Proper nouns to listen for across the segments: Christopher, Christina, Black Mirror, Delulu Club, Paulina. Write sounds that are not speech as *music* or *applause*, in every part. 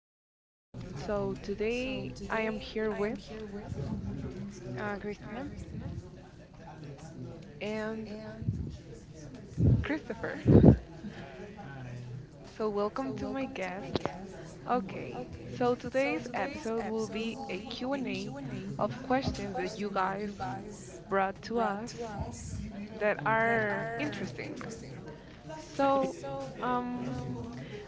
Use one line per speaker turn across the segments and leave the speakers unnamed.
Club. So, today I am here with
Uh, Christina,
and Christopher. So, welcome to my guests. Okay. So, today's episode will be a Q and A of questions that you guys brought to us that are interesting. So, um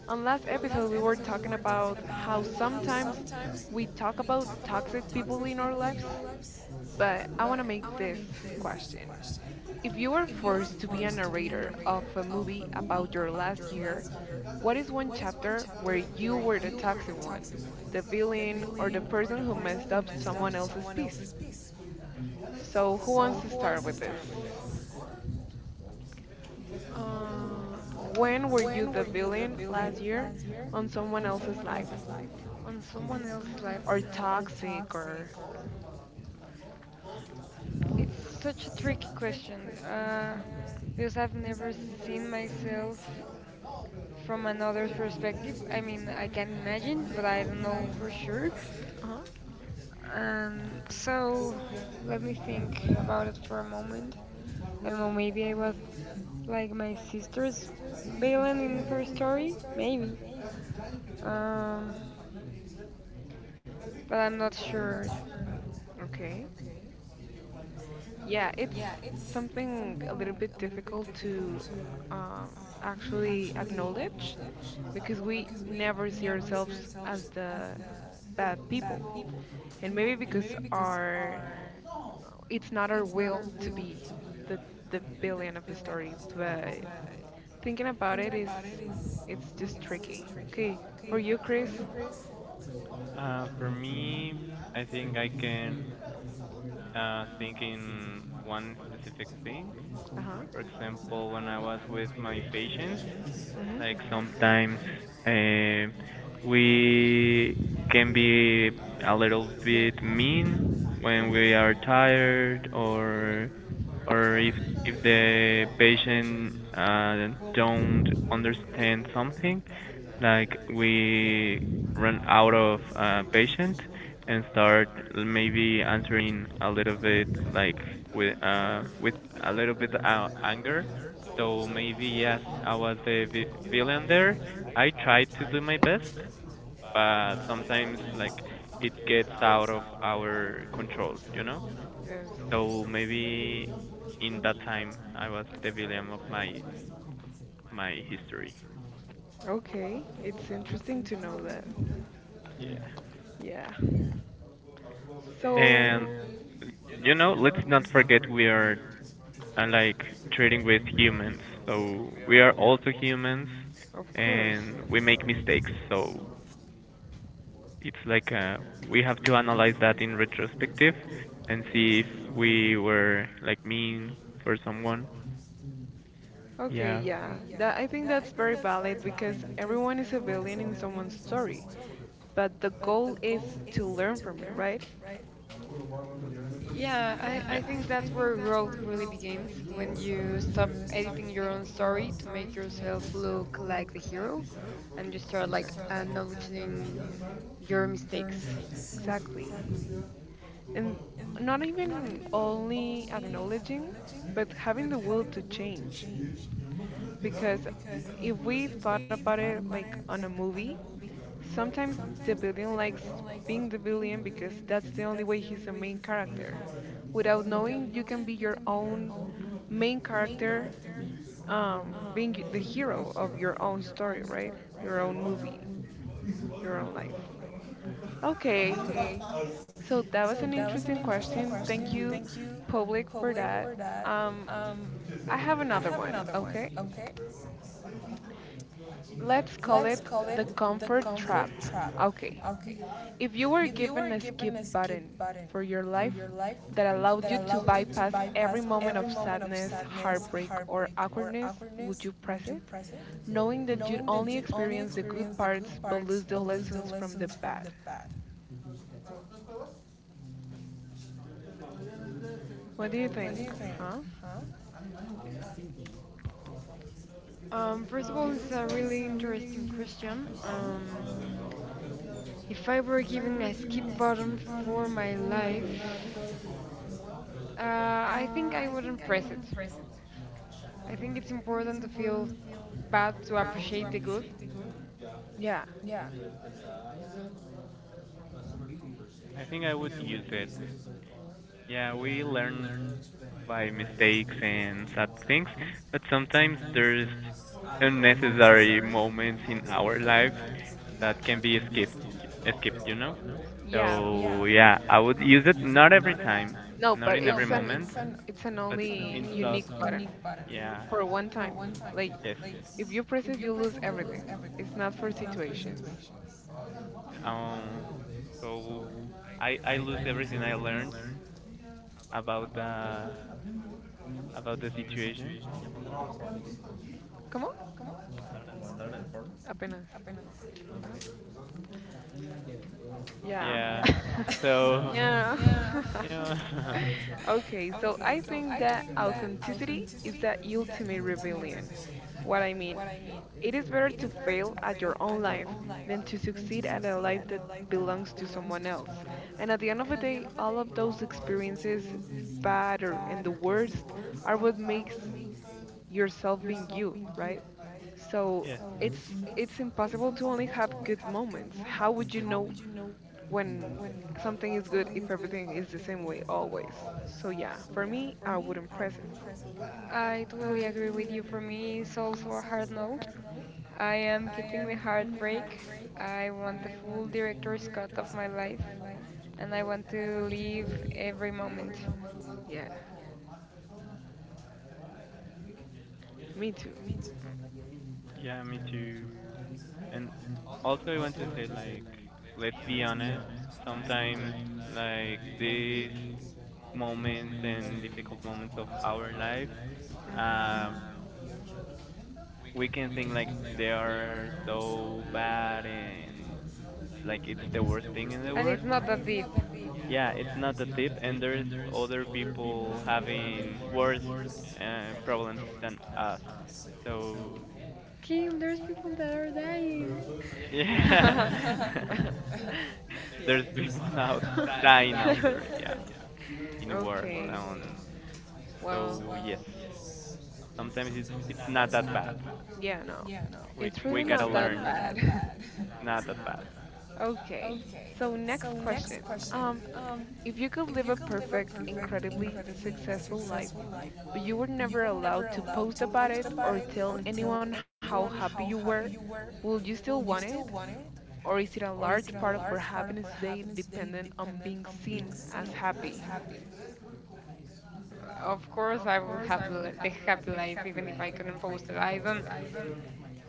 on last episode we were talking about how sometimes we talk about toxic people in our lives, but I want to make this question. If you were forced to be a narrator of a movie about your last year, what is one chapter where you were the toxic one, the villain, or the person who messed up someone else's piece? So, who wants to start with this?
uh,
When were you the villain last year on someone else's life?
on someone else's life,
Or toxic, or.
it's such a tricky question because I've never seen myself from another's perspective. I mean, I can imagine, but I don't know for sure.
Uh huh.
And so, let me think about it for a moment. I don't know, maybe I was like my sister's Balin in her story, maybe. Um, but I'm not sure.
Okay. Yeah, it's something a little bit difficult to um, actually acknowledge because we never see ourselves as the bad people. And maybe because our it's not our will to be the the villain of the story, but thinking about it is it's just tricky. Okay, for you, Chris.
For me, I think I can think in one specific thing.
Uh-huh.
For example, when I was with my patients,
Mhm.
like sometimes uh, we can be a little bit mean when we are
Mhm.
tired or if the patient don't understand something, like we run out of patient and start maybe answering a little bit like with a little bit anger. So maybe yes, I was the villain there. I tried to do my best, but sometimes like it gets out of our control, you know?
Yes.
So maybe in that time I was the villain of my history.
Okay, it's interesting to know that.
Yeah.
Yeah.
And
So,
you know, let's not forget we are like trading with humans. So we are also humans
of course.
and we make mistakes. So it's like we have to analyze that in retrospective and
Yes.
see if we were like mean for someone.
Okay,
Yeah.
yeah. That I think that's very valid because everyone is a villain in someone's story, but the goal is to learn from it, right?
Yeah, I,
Yeah.
I think that's where growth really begins when you stop editing your own story to make yourself look like the hero and you start like
Exactly.
acknowledging your mistakes.
Exactly. And not even only acknowledging, but having the will to change because if we thought about it like on a movie, sometimes the villain likes being the villain because that's the only way he's the main character. Without knowing, you can be your own main character, being the hero of your own story, right? Your own movie, your own life. Okay, so that was an interesting question. Thank you, public, for that. Um, I have another one, okay? Let's call it the comfort trap. Okay. If you were given a skip button for your life that allowed you to bypass every moment of sadness, heartbreak, or awkwardness, would you press it? Knowing that you'd only experience the good parts but lose the lessons from the bad. What do you think? Huh?
First of all, it's a really interesting question. If I were given a skip button for my life, I think I wouldn't press it. I think it's important to feel bad to appreciate the good.
Yeah.
I think I would use it. Yeah, we learn by mistakes and sad things, but sometimes there's unnecessary moments in our lives that can be skipped, you know?
Yeah.
So yeah, I would use it not every time,
No,
not
but
in every moment,
it's an
but
only
in sub.
unique button
Yeah,
for one time. Like
yes.
if you press it you lose everything. It's not for situations.
Um, so I lose everything I learned about the situation.
Come on? Apenas. Huh? Yeah.
Yeah.
*laughs*
So
Yeah.
*laughs*
*laughs*
yeah. *laughs*
Okay, so I think that authenticity is the ultimate rebellion. What I mean, it is better to fail at your own life than to succeed at a life that belongs to someone else. And at the end of the day, all of those experiences, bad or and the worst, are what makes yourself being you, right? So
Yes.
it's it's impossible to only have good moments. How would you know when something is good if everything is the same way always. So yeah, for me, I wouldn't press it.
I totally agree with you. For me, it's also a hard no. I am keeping the heartbreak. I want the full director's cut of my life, and I want to live every moment.
Yeah, me too.
Yeah, me too. And also I want to say like let's be honest, sometimes like these moments and difficult moments of our lives,
Hmm.
uh we can think like they are so bad and like it's the worst thing in the
And
world.
it's not that deep.
Yeah, it's not that deep and there's other people having worse problems than us. So
Kim, there's people that are dying.
*laughs* yeah. *laughs*
*laughs* Yeah.
There's people *laughs* out dying out
*laughs*
there, yeah, in wars.
Okay.
Um,
Well,
so yes, sometimes it's not that bad.
yeah, no.
We
It's really
we gotta
not that
learn
bad.
not that bad.
*laughs* Okay. So next question. Um If you could live a perfect, incredibly successful life, but you were never allowed to post about it or tell anyone how happy you were, would you still want it? Or is it a large part of our happiness today dependent on being seen as happy?
Of course, I will have the happy life even if I couldn't post it. I don't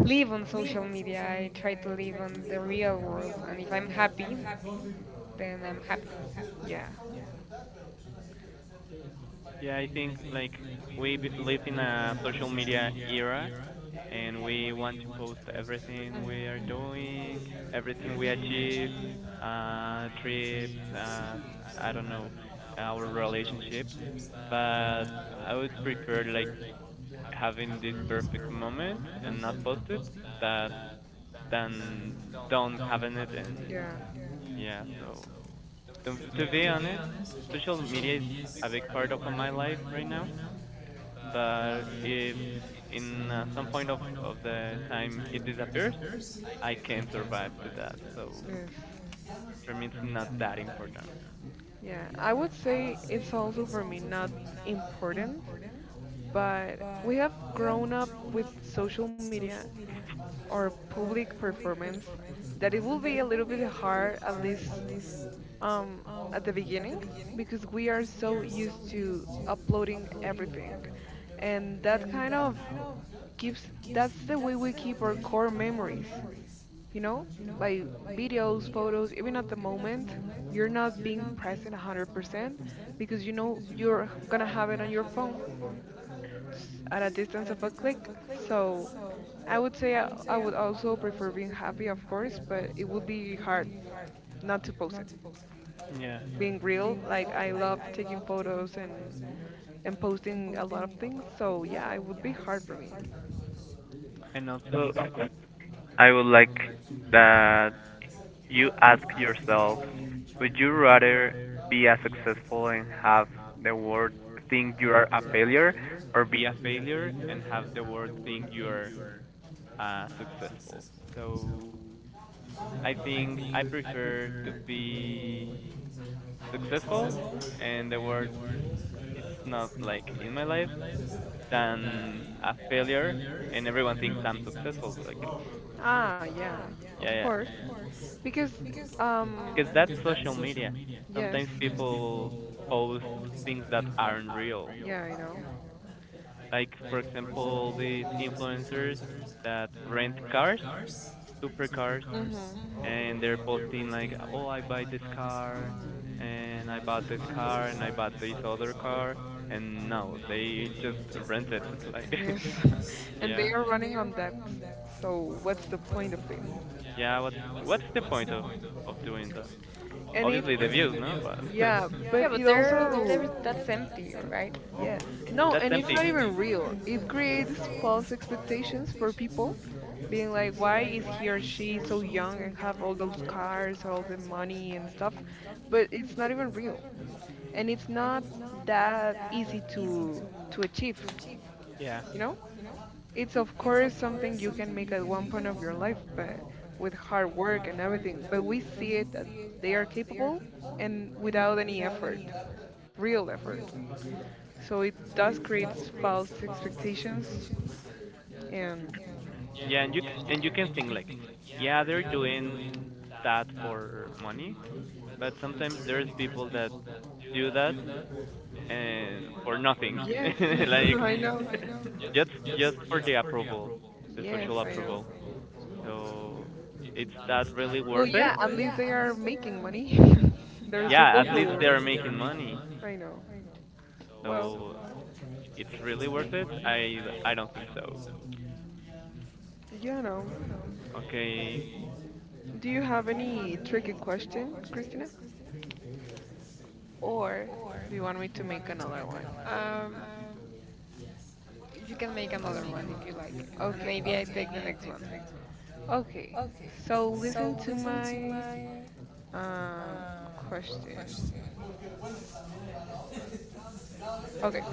live on social media. I try to live on the real world, and if I'm
Yes.
happy, then I'm happy.
Yeah.
Yeah, I think like we live in a social media era and we want to post everything we are
Mhm.
doing, everything we achieve, trips, I don't know, our relationships. But I would prefer like having this perfect moment and not post
Mhm.
it that than don't having it and
Yeah.
yeah, so to be honest, social media is a big part of my life right now, but if in some point of the time it disappears, I can survive to that, so
Yes.
for me it's not that important.
Yeah. I would say it's also for me not important, but we have grown up with social media or public performance that it will be a little bit hard at least, um, at the beginning because we are so used to uploading everything and that kind of keeps that's the way we keep our core memories, you know, by videos, photos, even at the moment you're not being present 100% because you know you're gonna have it on your phone at a distance of a click. So I would say I would also prefer being happy, of course, but it would be hard not to post it.
Yeah,
Being real, like I love taking photos and posting a lot of things, so yeah, it would be hard for me.
and also, so I would like that. You ask yourself, would you rather be a successful and have the world think you are a failure, or be a failure and have the world think you are successful? So I think I prefer to be successful and the world it's not like in my life than a failure and everyone thinks I'm successful. But like
Ah, yeah, of
yeah, yeah,
course, because um,
because that's social media.
yes,
Sometimes people post things that aren't real.
yeah, I know.
Like, for example, these influencers that rent cars, supercars,
Mhm.
and they're posting like, "Oh, I buy this car,
Mhm.
and I bought this car, and I bought this other car," and no, they just rent it. *laughs* Like,
Yes. *laughs*
*laughs*
And they
yeah,
are running on debts. So what's the point of it?
yeah. What's the point of doing that?
And it,
Obviously, the views, no, but *laughs*
yeah,
Yeah,
but
but
it
there is
also,
that's empty, right?
yeah. No,
that's
and it's
empty.
not even real. It creates false expectations for people, being like, why is he or she so young and have all those cars, all the money and stuff? But it's not even real. And it's not that easy to achieve,
Yeah.
you know? It's of course something you can make at one point of your life, but with hard work and everything. But we see it that they are capable and without any effort, real effort. So it does create false expectations. And
Yeah, and you can think like, yeah, they're doing that for money, but sometimes there's people that do that and for nothing,
yes,
*laughs* like
*laughs*
*laughs*
I know.
*laughs* just for the approval, the
Yes,
social
I know.
approval. So it's that really
Well,
worth it?
yeah, at least they are making money. *laughs* There's
Yeah,
people
at least
who,
they're making money.
I know. Well,
So it's really worth it? I don't think so.
yeah, no.
Okay.
Do you have any tricky question, Christina? Or do you want me to make another one?
*laughs* um, you can make another one if you like, and
Okay.
maybe I take the next one.
Okay. So listen to my uh question. Okay.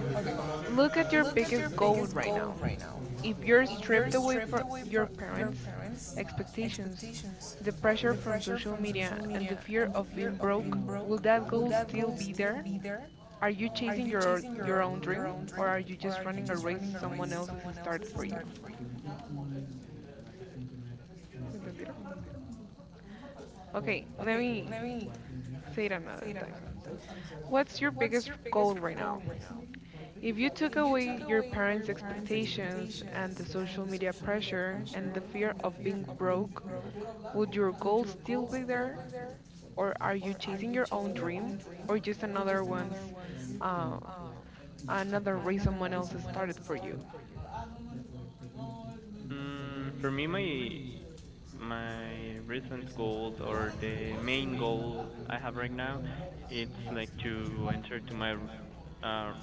Look at your biggest goal right now. If you're stripped away from your parents' expectations, the pressure from social media, and the fear of being broke, will that goal still be there? Are you chasing your own dream, or are you just running a race someone else has started for you? ¿Me entendieron? Okay, let me say it another time. What's your biggest goal right now? If you took away your parents' expectations and the social media pressure and the fear of being broke, would your goal still be there? Or are you chasing your own dream or just another one's, uh, another reason someone else has started for you?
Mm, for me, my recent goals or the main goal I have right now, it's like to enter to my r- uh,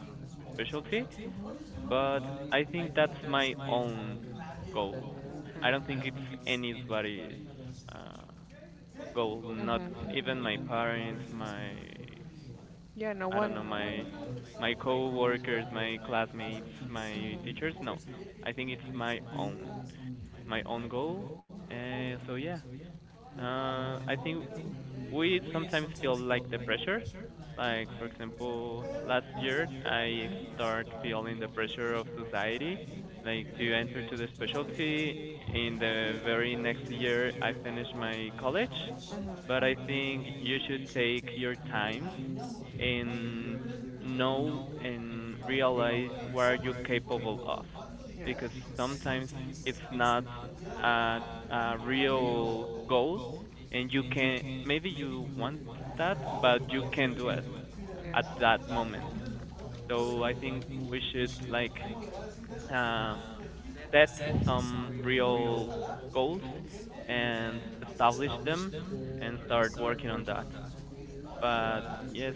specialty,
Mhm.
but I think that's my own goal.
Okay.
I don't think it's anybody's uh, goal. Not
Hmm.
even my parents, my
Yeah, no
I don't know
one.
my coworkers, my classmates,
Hmm.
my
Hmm.
teachers. No, I think it's my own goal. So yeah. I think we sometimes feel like the pressure. Like for example, last year I start feeling the pressure of society, like to enter to the specialty. In the very next year, I finish my college, but I think you should take your times and know and realize what are you capable of,
Yes.
because sometimes it's not a, a real goal, and you can maybe you want that but you can do it
Yes.
at that moment. So I think we should like uh, set some real goals and establish them and start working on that. But yes,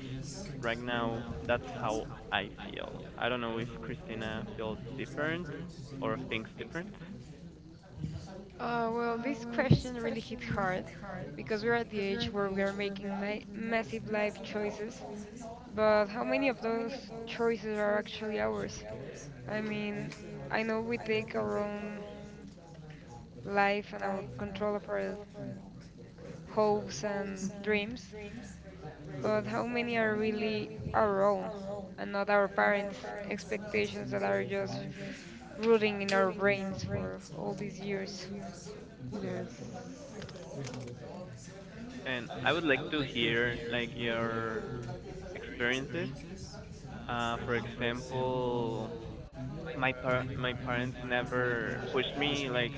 right now that's how I feel. I don't know if Christina feels different or thinks different,
Well, this question really hit hard because we're at the age where we are making massive life choices, but how many of those choices are actually ours? I mean, I know we take our own life and our control of our hopes and dreams, but how many are really our own and not our parents' expectations that are just rooting in our brains for all these years.
Yes.
and I would like to hear like your experiences. For example, my parents never pushed me like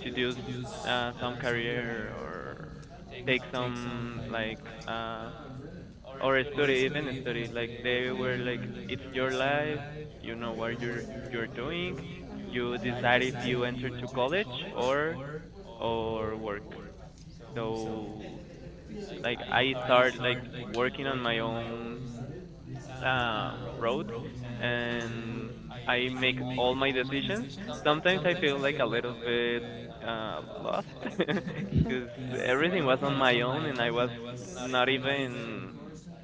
to do s some career or take some like or study even study, like they were
Hmm.
like it's your life, you know what you're doing. You decide
Hmm.
if you enter to college or work. So like I start like working on my own road, and I make all my decisions. Sometimes I feel like a little bit lost *laughs* because
*laughs* Yes.
everything was on my own and I was not
Yes.
even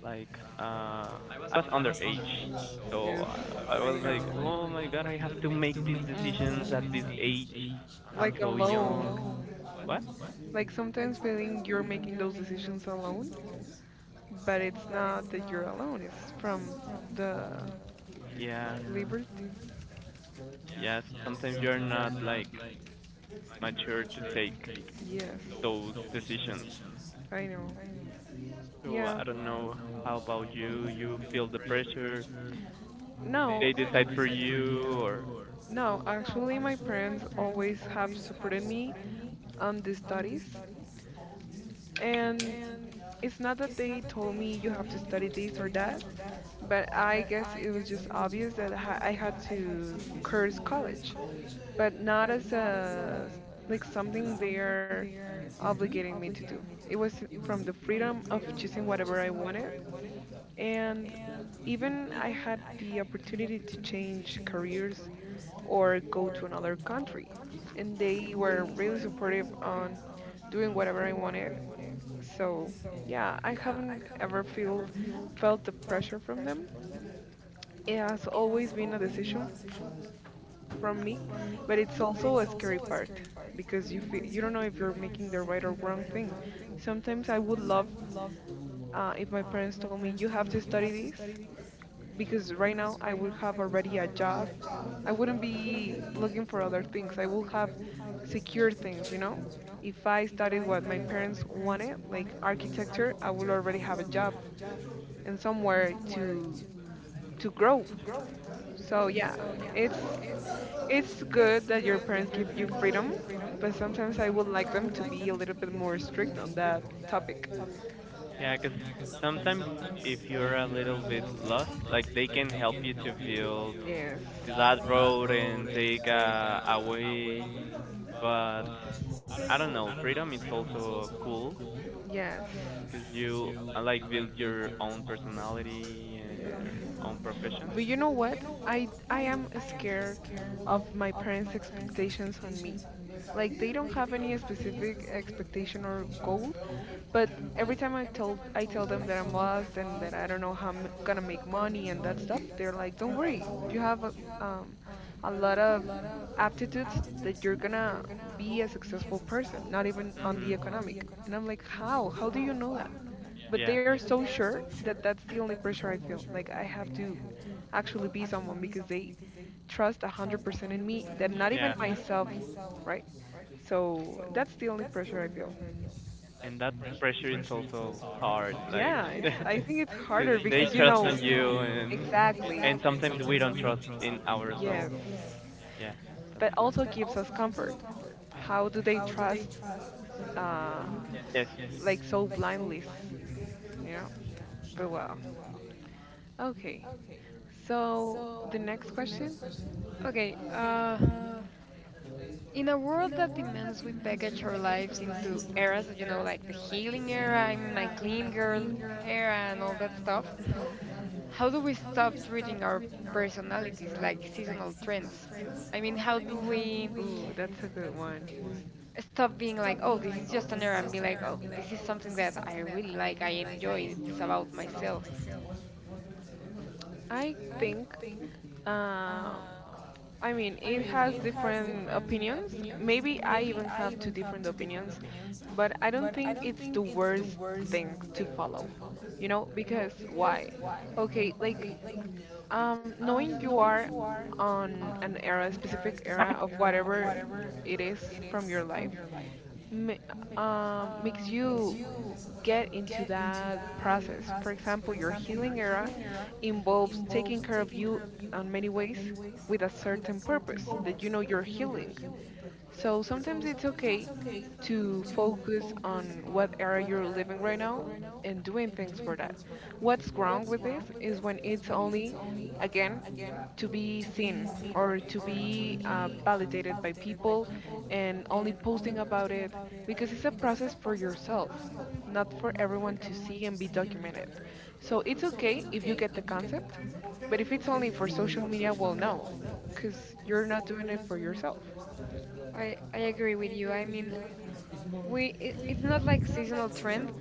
like I was underage. So
Yes,
uh, I was like,
know.
oh my god, I have to make these decisions
Hmm.
at this age. I'm
Like
so young.
alone.
What?
Like sometimes feeling you're making those decisions alone, but it's not that you're alone, it's from the
Yeah.
liberty.
Yeah. Sometimes you're not like mature to take
Yes,
those decisions.
I know.
So
Yeah.
I don't know. How about you? You feel the pressure?
No,
They decide for you, or
no, actually, my parents always have supported me on the studies, and it's not that they told me you have to study this or that, but I guess it was just obvious that I had to curse college, but not as like something they are obligating me to do. It was from the freedom of choosing whatever I wanted, and even I had the opportunity to change careers or go to another country, and they were really supportive on doing whatever I wanted, so yeah, I haven't ever feel felt the pressure from them. It has always been a decision from me, but it's also a scary part because you feel, you don't know if you're making the right or wrong thing. Sometimes I would love, if my parents told me you have to study this because right now I would have already a job. I wouldn't be looking for other things. I will have secure things, you know? If I studied what my parents wanted, like architecture, I would already have a job and somewhere to grow. So yeah, it's it's good that your parents give you freedom, but sometimes I would like them to be a little bit more strict on that topic.
yeah, because sometimes if you're a little bit lost, like they can help you to build
Yes.
to that road and take a way. But I don't know. Freedom it's also cool
Yes.
because you like build your own personality and
Yes.
your own profession.
But you know what? I am scared of my parents' expectations on me. Like they don't have any specific expectation or goal. But every time I tell them that I'm lost and that I don't know how I'm gonna make money and that stuff, they're like, "Don't worry, you have um, a lot of aptitudes that you're gonna be a successful person, not even on the
Mhm.
economic." And I'm like, "How? How do you know that?" But they
Yeah.
are so sure that that's the only pressure I feel. Like I have to actually be someone because they trust 100% in me that not even
Yeah.
myself, right? So that's the only pressure I feel.
And that pressure it's also hard. Like
Yeah, it's
*laughs*
I think it's harder
'Cause they
because you
trust
know
on you and
exactly.
and sometimes we don't trust in ourselves.
Yes.
Yeah, that's
But
hard.
also gives us comfort. How do they trust uh
Yes.
like so blindly, you know? But well. Okay. So the next question?
Okay, in a world that demands we package our lives into eras, you know, like the healing era, I'm my clean girl era, and all that stuff,
Hmm.
how do we stop treating our personalities like seasonal trends? I mean, how do we
Ooh, that's a good one.
stop being like, oh, this is just an era, and be like, oh, this is something that I really like, I enjoy, it's about myself?
I think um I mean, it has different opinions. Maybe I even have two different opinions, but I don't think it's the worst thing to follow. You know, because why? Okay, like knowing you are on an era, specific era of whatever it is from your life, ma- makes you get into that process. For example, your healing era involves taking care of you in many ways with a certain purpose that you know you're healing. So sometimes it's okay to focus on what area you're living right now and doing things for that. What's wrong with this is when it's only, again, to be seen or to be validated by people and only posting about it because it's a process for yourself, not for everyone to see and be documented. So it's okay if you get the concept, but if it's only for social media, well, no, because you're not doing it for yourself.
I agree with you. I mean, it's not like seasonal trend,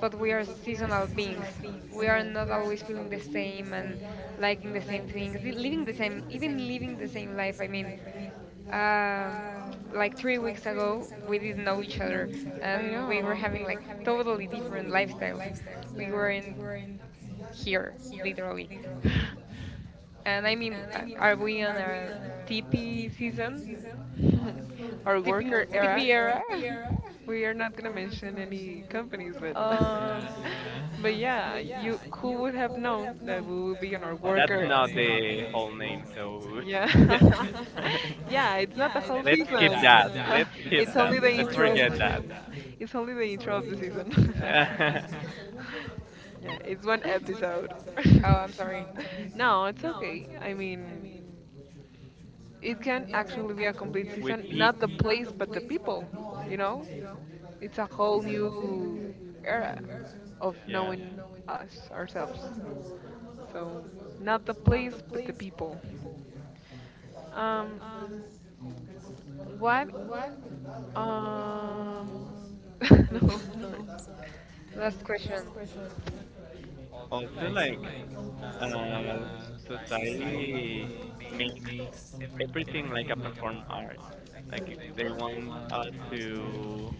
but we are seasonal beings. We are
Mhm.
not always feeling the same and liking the same things, living the same, even living the same life. I mean, um, like 3 weeks ago, we didn't know each other
I
and we were
know.
having like totally different lifestyles. We
Yeah.
weren't here, literally. *laughs* And I mean, are we on our TP season?
*laughs* Our
TP,
worker era.
TP era? *laughs*
We are not gonna mention any companies, but *laughs*
um,
but yeah, you who would have known that we will be on our
Well, that's
worker?
not the whole name, so
Yeah,
*laughs* let's
*laughs* yeah. It's not the whole
skip
season.
that. Let's
*laughs*
skip
It's only
that.
the
Let's
intro.
forget that.
It's only the intro of the season. *laughs*
*laughs*
Yeah, it's one episode.
*laughs* oh, I'm sorry.
*laughs* No, it's okay. I mean, it can actually be a complete
With
season,
P,
not the place, but the people, you know? It's a whole new era of
yeah.
knowing us, ourselves. So, not the place, but the people. Um, what? Um, *laughs* no, I'm sorry.
Last question.
Also, like uh, society makes everything like a perform art. Like they want us to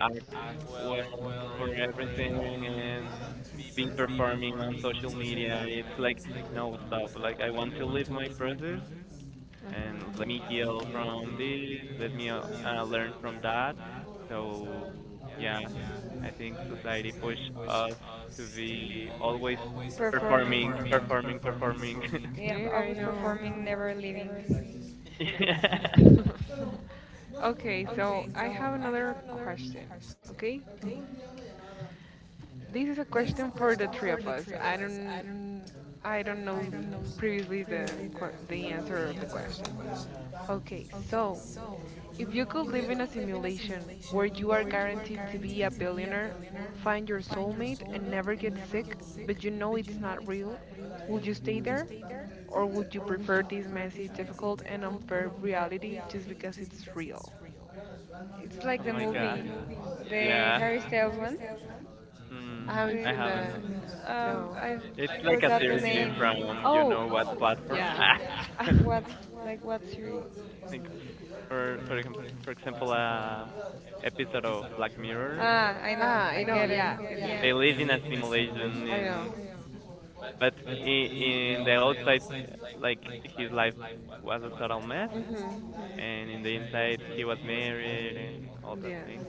act well for everything and be performing on social media. It's like no stop. Like I want to live my process and
Hmm.
let me heal from this, let me learn from that. So, yeah, I think society push us to be always
Performing.
performing, performing, performing. *laughs*
*laughs* Yeah,
Yeah, I
always
know.
performing, never leaving.
yeah.
*laughs* Okay, so I have another question, okay? This is a question for the three of us. I don't know previously the the answer of the question. Okay, so if you could live in a simulation where you are guaranteed to be a billionaire, find your soulmate, and never get sick, but you know it's not real, would you stay there? Or would you prefer this messy, difficult, and unfair reality just because it's real?
It's oh, like
Oh
the
my gosh.
movie, the
Yeah.
Harry Styles one,
I
Mm,
haven't
the,
I
seen
haven't.
that.
haven't
No.
It's
I
like a
forgot the
survey
name.
from you
Oh,
know what platform.
yeah. *laughs* Ah,
Ah.
*laughs* What, like what series?
*laughs* like for for exam- for example, episode of Black Mirror.
Ah, I know,
I
I
know,
get it.
yeah. It's.
Yeah.
They live in a simulation.
I know.
In But in the outside, like his life was a total mess,
Mm-hmm.
and in the inside, he was married and all that
Yes.
thing.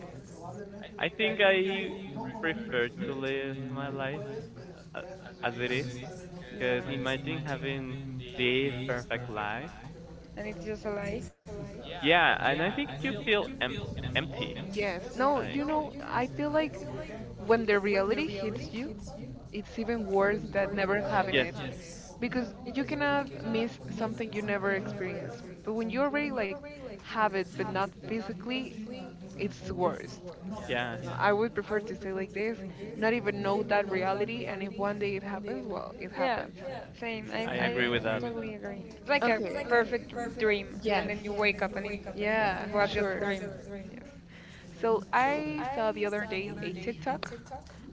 I think I prefer to live my life uh, as it is, because
Yeah.
imagine having this perfect life.
And it's just a lie.
Yeah, and I think you feel empty.
Yes. No, you
Like,
know, I feel like when the reality hits you, it's even worse than never having
yes,
it because you cannot miss something you never experienced. But when you already like have it but not physically, it's worst.
yeah,
No, I would prefer to stay like this, not even know that reality, and if one day it happens, well, it
Yeah,
happens.
same. i
I agree
i
with that.
totally agree. It's like a
Okay.
perfect dream, and
Yes.
then you wake up and it
Yeah,
was just a
sure.
dream.
Yes. So I saw the other day a TikTok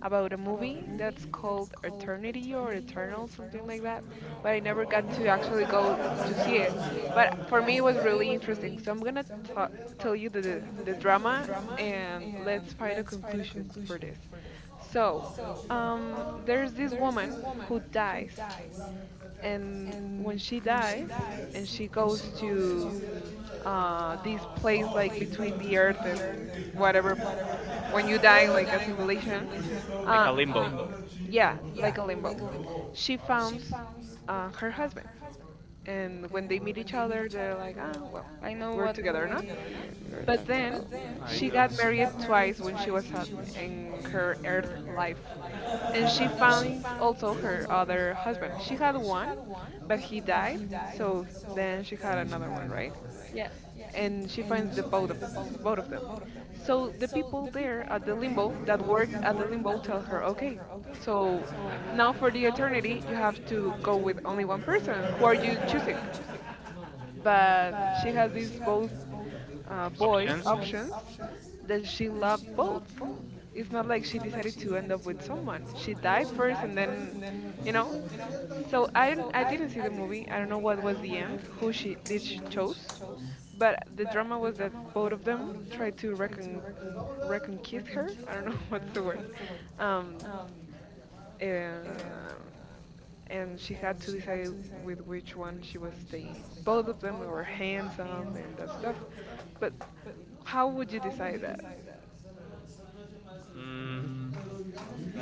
about a movie that's called Eternity or Eternal, something like that. But I never got to actually go to see it. But for me, it was really interesting. So I'm gonna tell you the drama, and let's find a conclusion for this. So, there's this woman who dies, and when she dies, and she goes to this place like between the earth and whatever when you die, like a simulation,
Like
uh,
a limbo.
yeah, like a limbo. She finds her husband, and when they meet each other, they're like, ah, well,
I know
we're
what
together now.
movie we're
But
talking
then
about.
I
she got
don't.
married twice when she was in her Earth life, and she finds also her other husband. She had one, but he died, so then she had another one, right?
Yeah,
And she finds the both of them. So the people there at the limbo that worked at the limbo tell her, okay, so now for the eternity you have to go with only one person. Who are you choosing? But she has these both boys
Options?
options that she loved both. It's not like she decided to end up with someone. She died first and then, you know. So I didn't see the movie. I don't know what was the end. Who she did she chose? But the drama was that both of them tried to reconquist her. I don't know *laughs* what's the word. Um, uh, and she had to decide with which one she was staying. Both of them were handsome and that stuff. But how would you decide that?
Mm,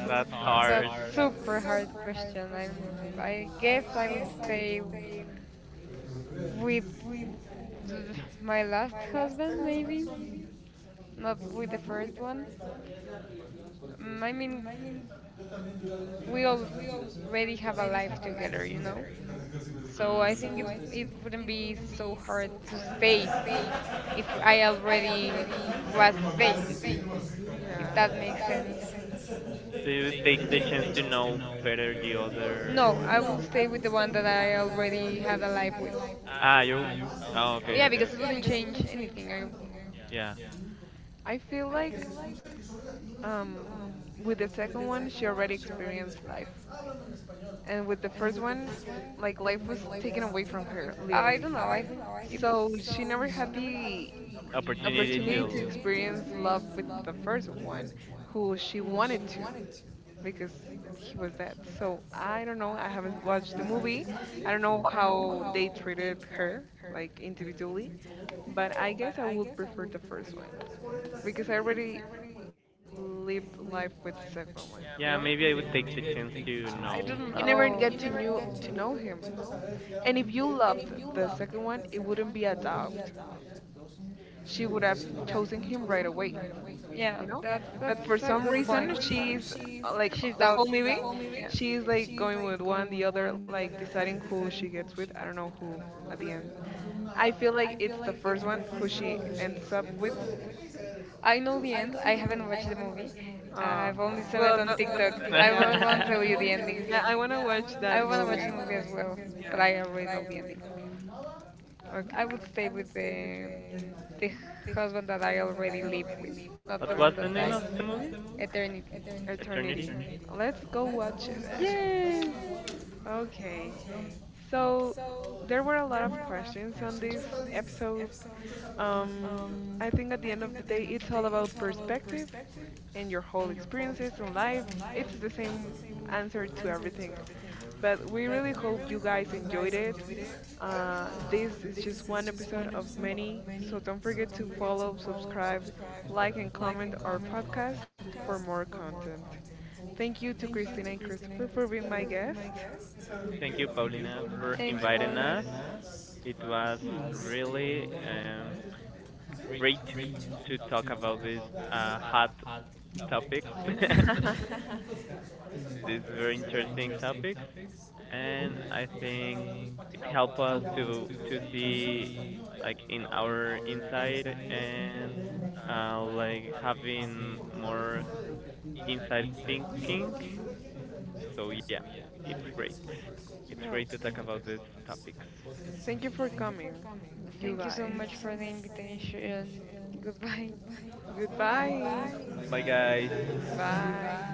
that's
but
hard.
super hard question. I'm. I guess I would stay with my last husband, maybe not with the first one. Mm, I mean, we already have a life together, you know. So I
Mm,
think it wouldn't be so hard to stay if I already was staying. If
Yeah.
that makes sense.
do you take the chance to know better the other?
No, I will stay with the one that I already have a life with.
Ah, you. Oh, okay,
Yeah, okay.
okay,
Because it
okay.
wouldn't change anything.
Wow.
Yeah,
I feel like um, with the second one, she already experienced life. And with the first one, like life was taken away from her,
I
literally.
don't know. I think it.
So she never had the
opportunity
opportunity to
to.
experience love with the first one who she wanted to because he was dead. So I don't know. I haven't watched the movie. I don't know how they treated her like individually, but I guess I would prefer the first one because I already lived life with the second one, you know?
Yeah, maybe I would take the chance to
I
know.
You
don't
never get to
know.
knew to know him. And if you loved the second one, it wouldn't be a doubt. She would have chosen him right away,
Yeah,
you know,
that
but for
that's a
some
good
reason
point.
she's like
She's
the
out.
whole movie
Yeah,
she's like going with one the other, like deciding who she gets with. I don't know who at the end. I feel like it's the first one who she ends up with.
I know the end. I haven't watched the movie.
uh
I've only saw it
well
on
the, the,
TikTok.
*laughs* what
yeah,
I won't tell you the ending.
yeah, I want to watch
I
that
want to watch the
movie.
movie as well, but
Yeah.
I already know the ending. I
Okay.
would stay with the the husband that I already live with, not the
was
one
the
Okay.
that
name
I
of the movie?
eternity.
Eternity.
Eternity. Let's go watch it.
Yes.
Okay, so there were a lot of questions on this episode. Um, I think at the end of the day, it's all about perspective and your whole experiences in life. It's the same answer to everything. But we really hope you guys enjoyed it. This is just one episode of many, so don't forget to follow, subscribe, like, and comment our podcast for more content. Thank you to Christina and Christopher for being my guest.
Thank you,
Thank you, Paulina, for inviting
Paula.
us. It was really great to talk about these hot topics. *laughs*
*laughs*
these very interesting topics, and I think it helped us to see like in our inside and like having more inside thinking. So yeah, it's great. It's
No,
great to talk about these topics.
thank you for coming, you
Thank you so
guys.
much for the invitation. Goodbye.
Goodbye.
Bye guys.
Bye.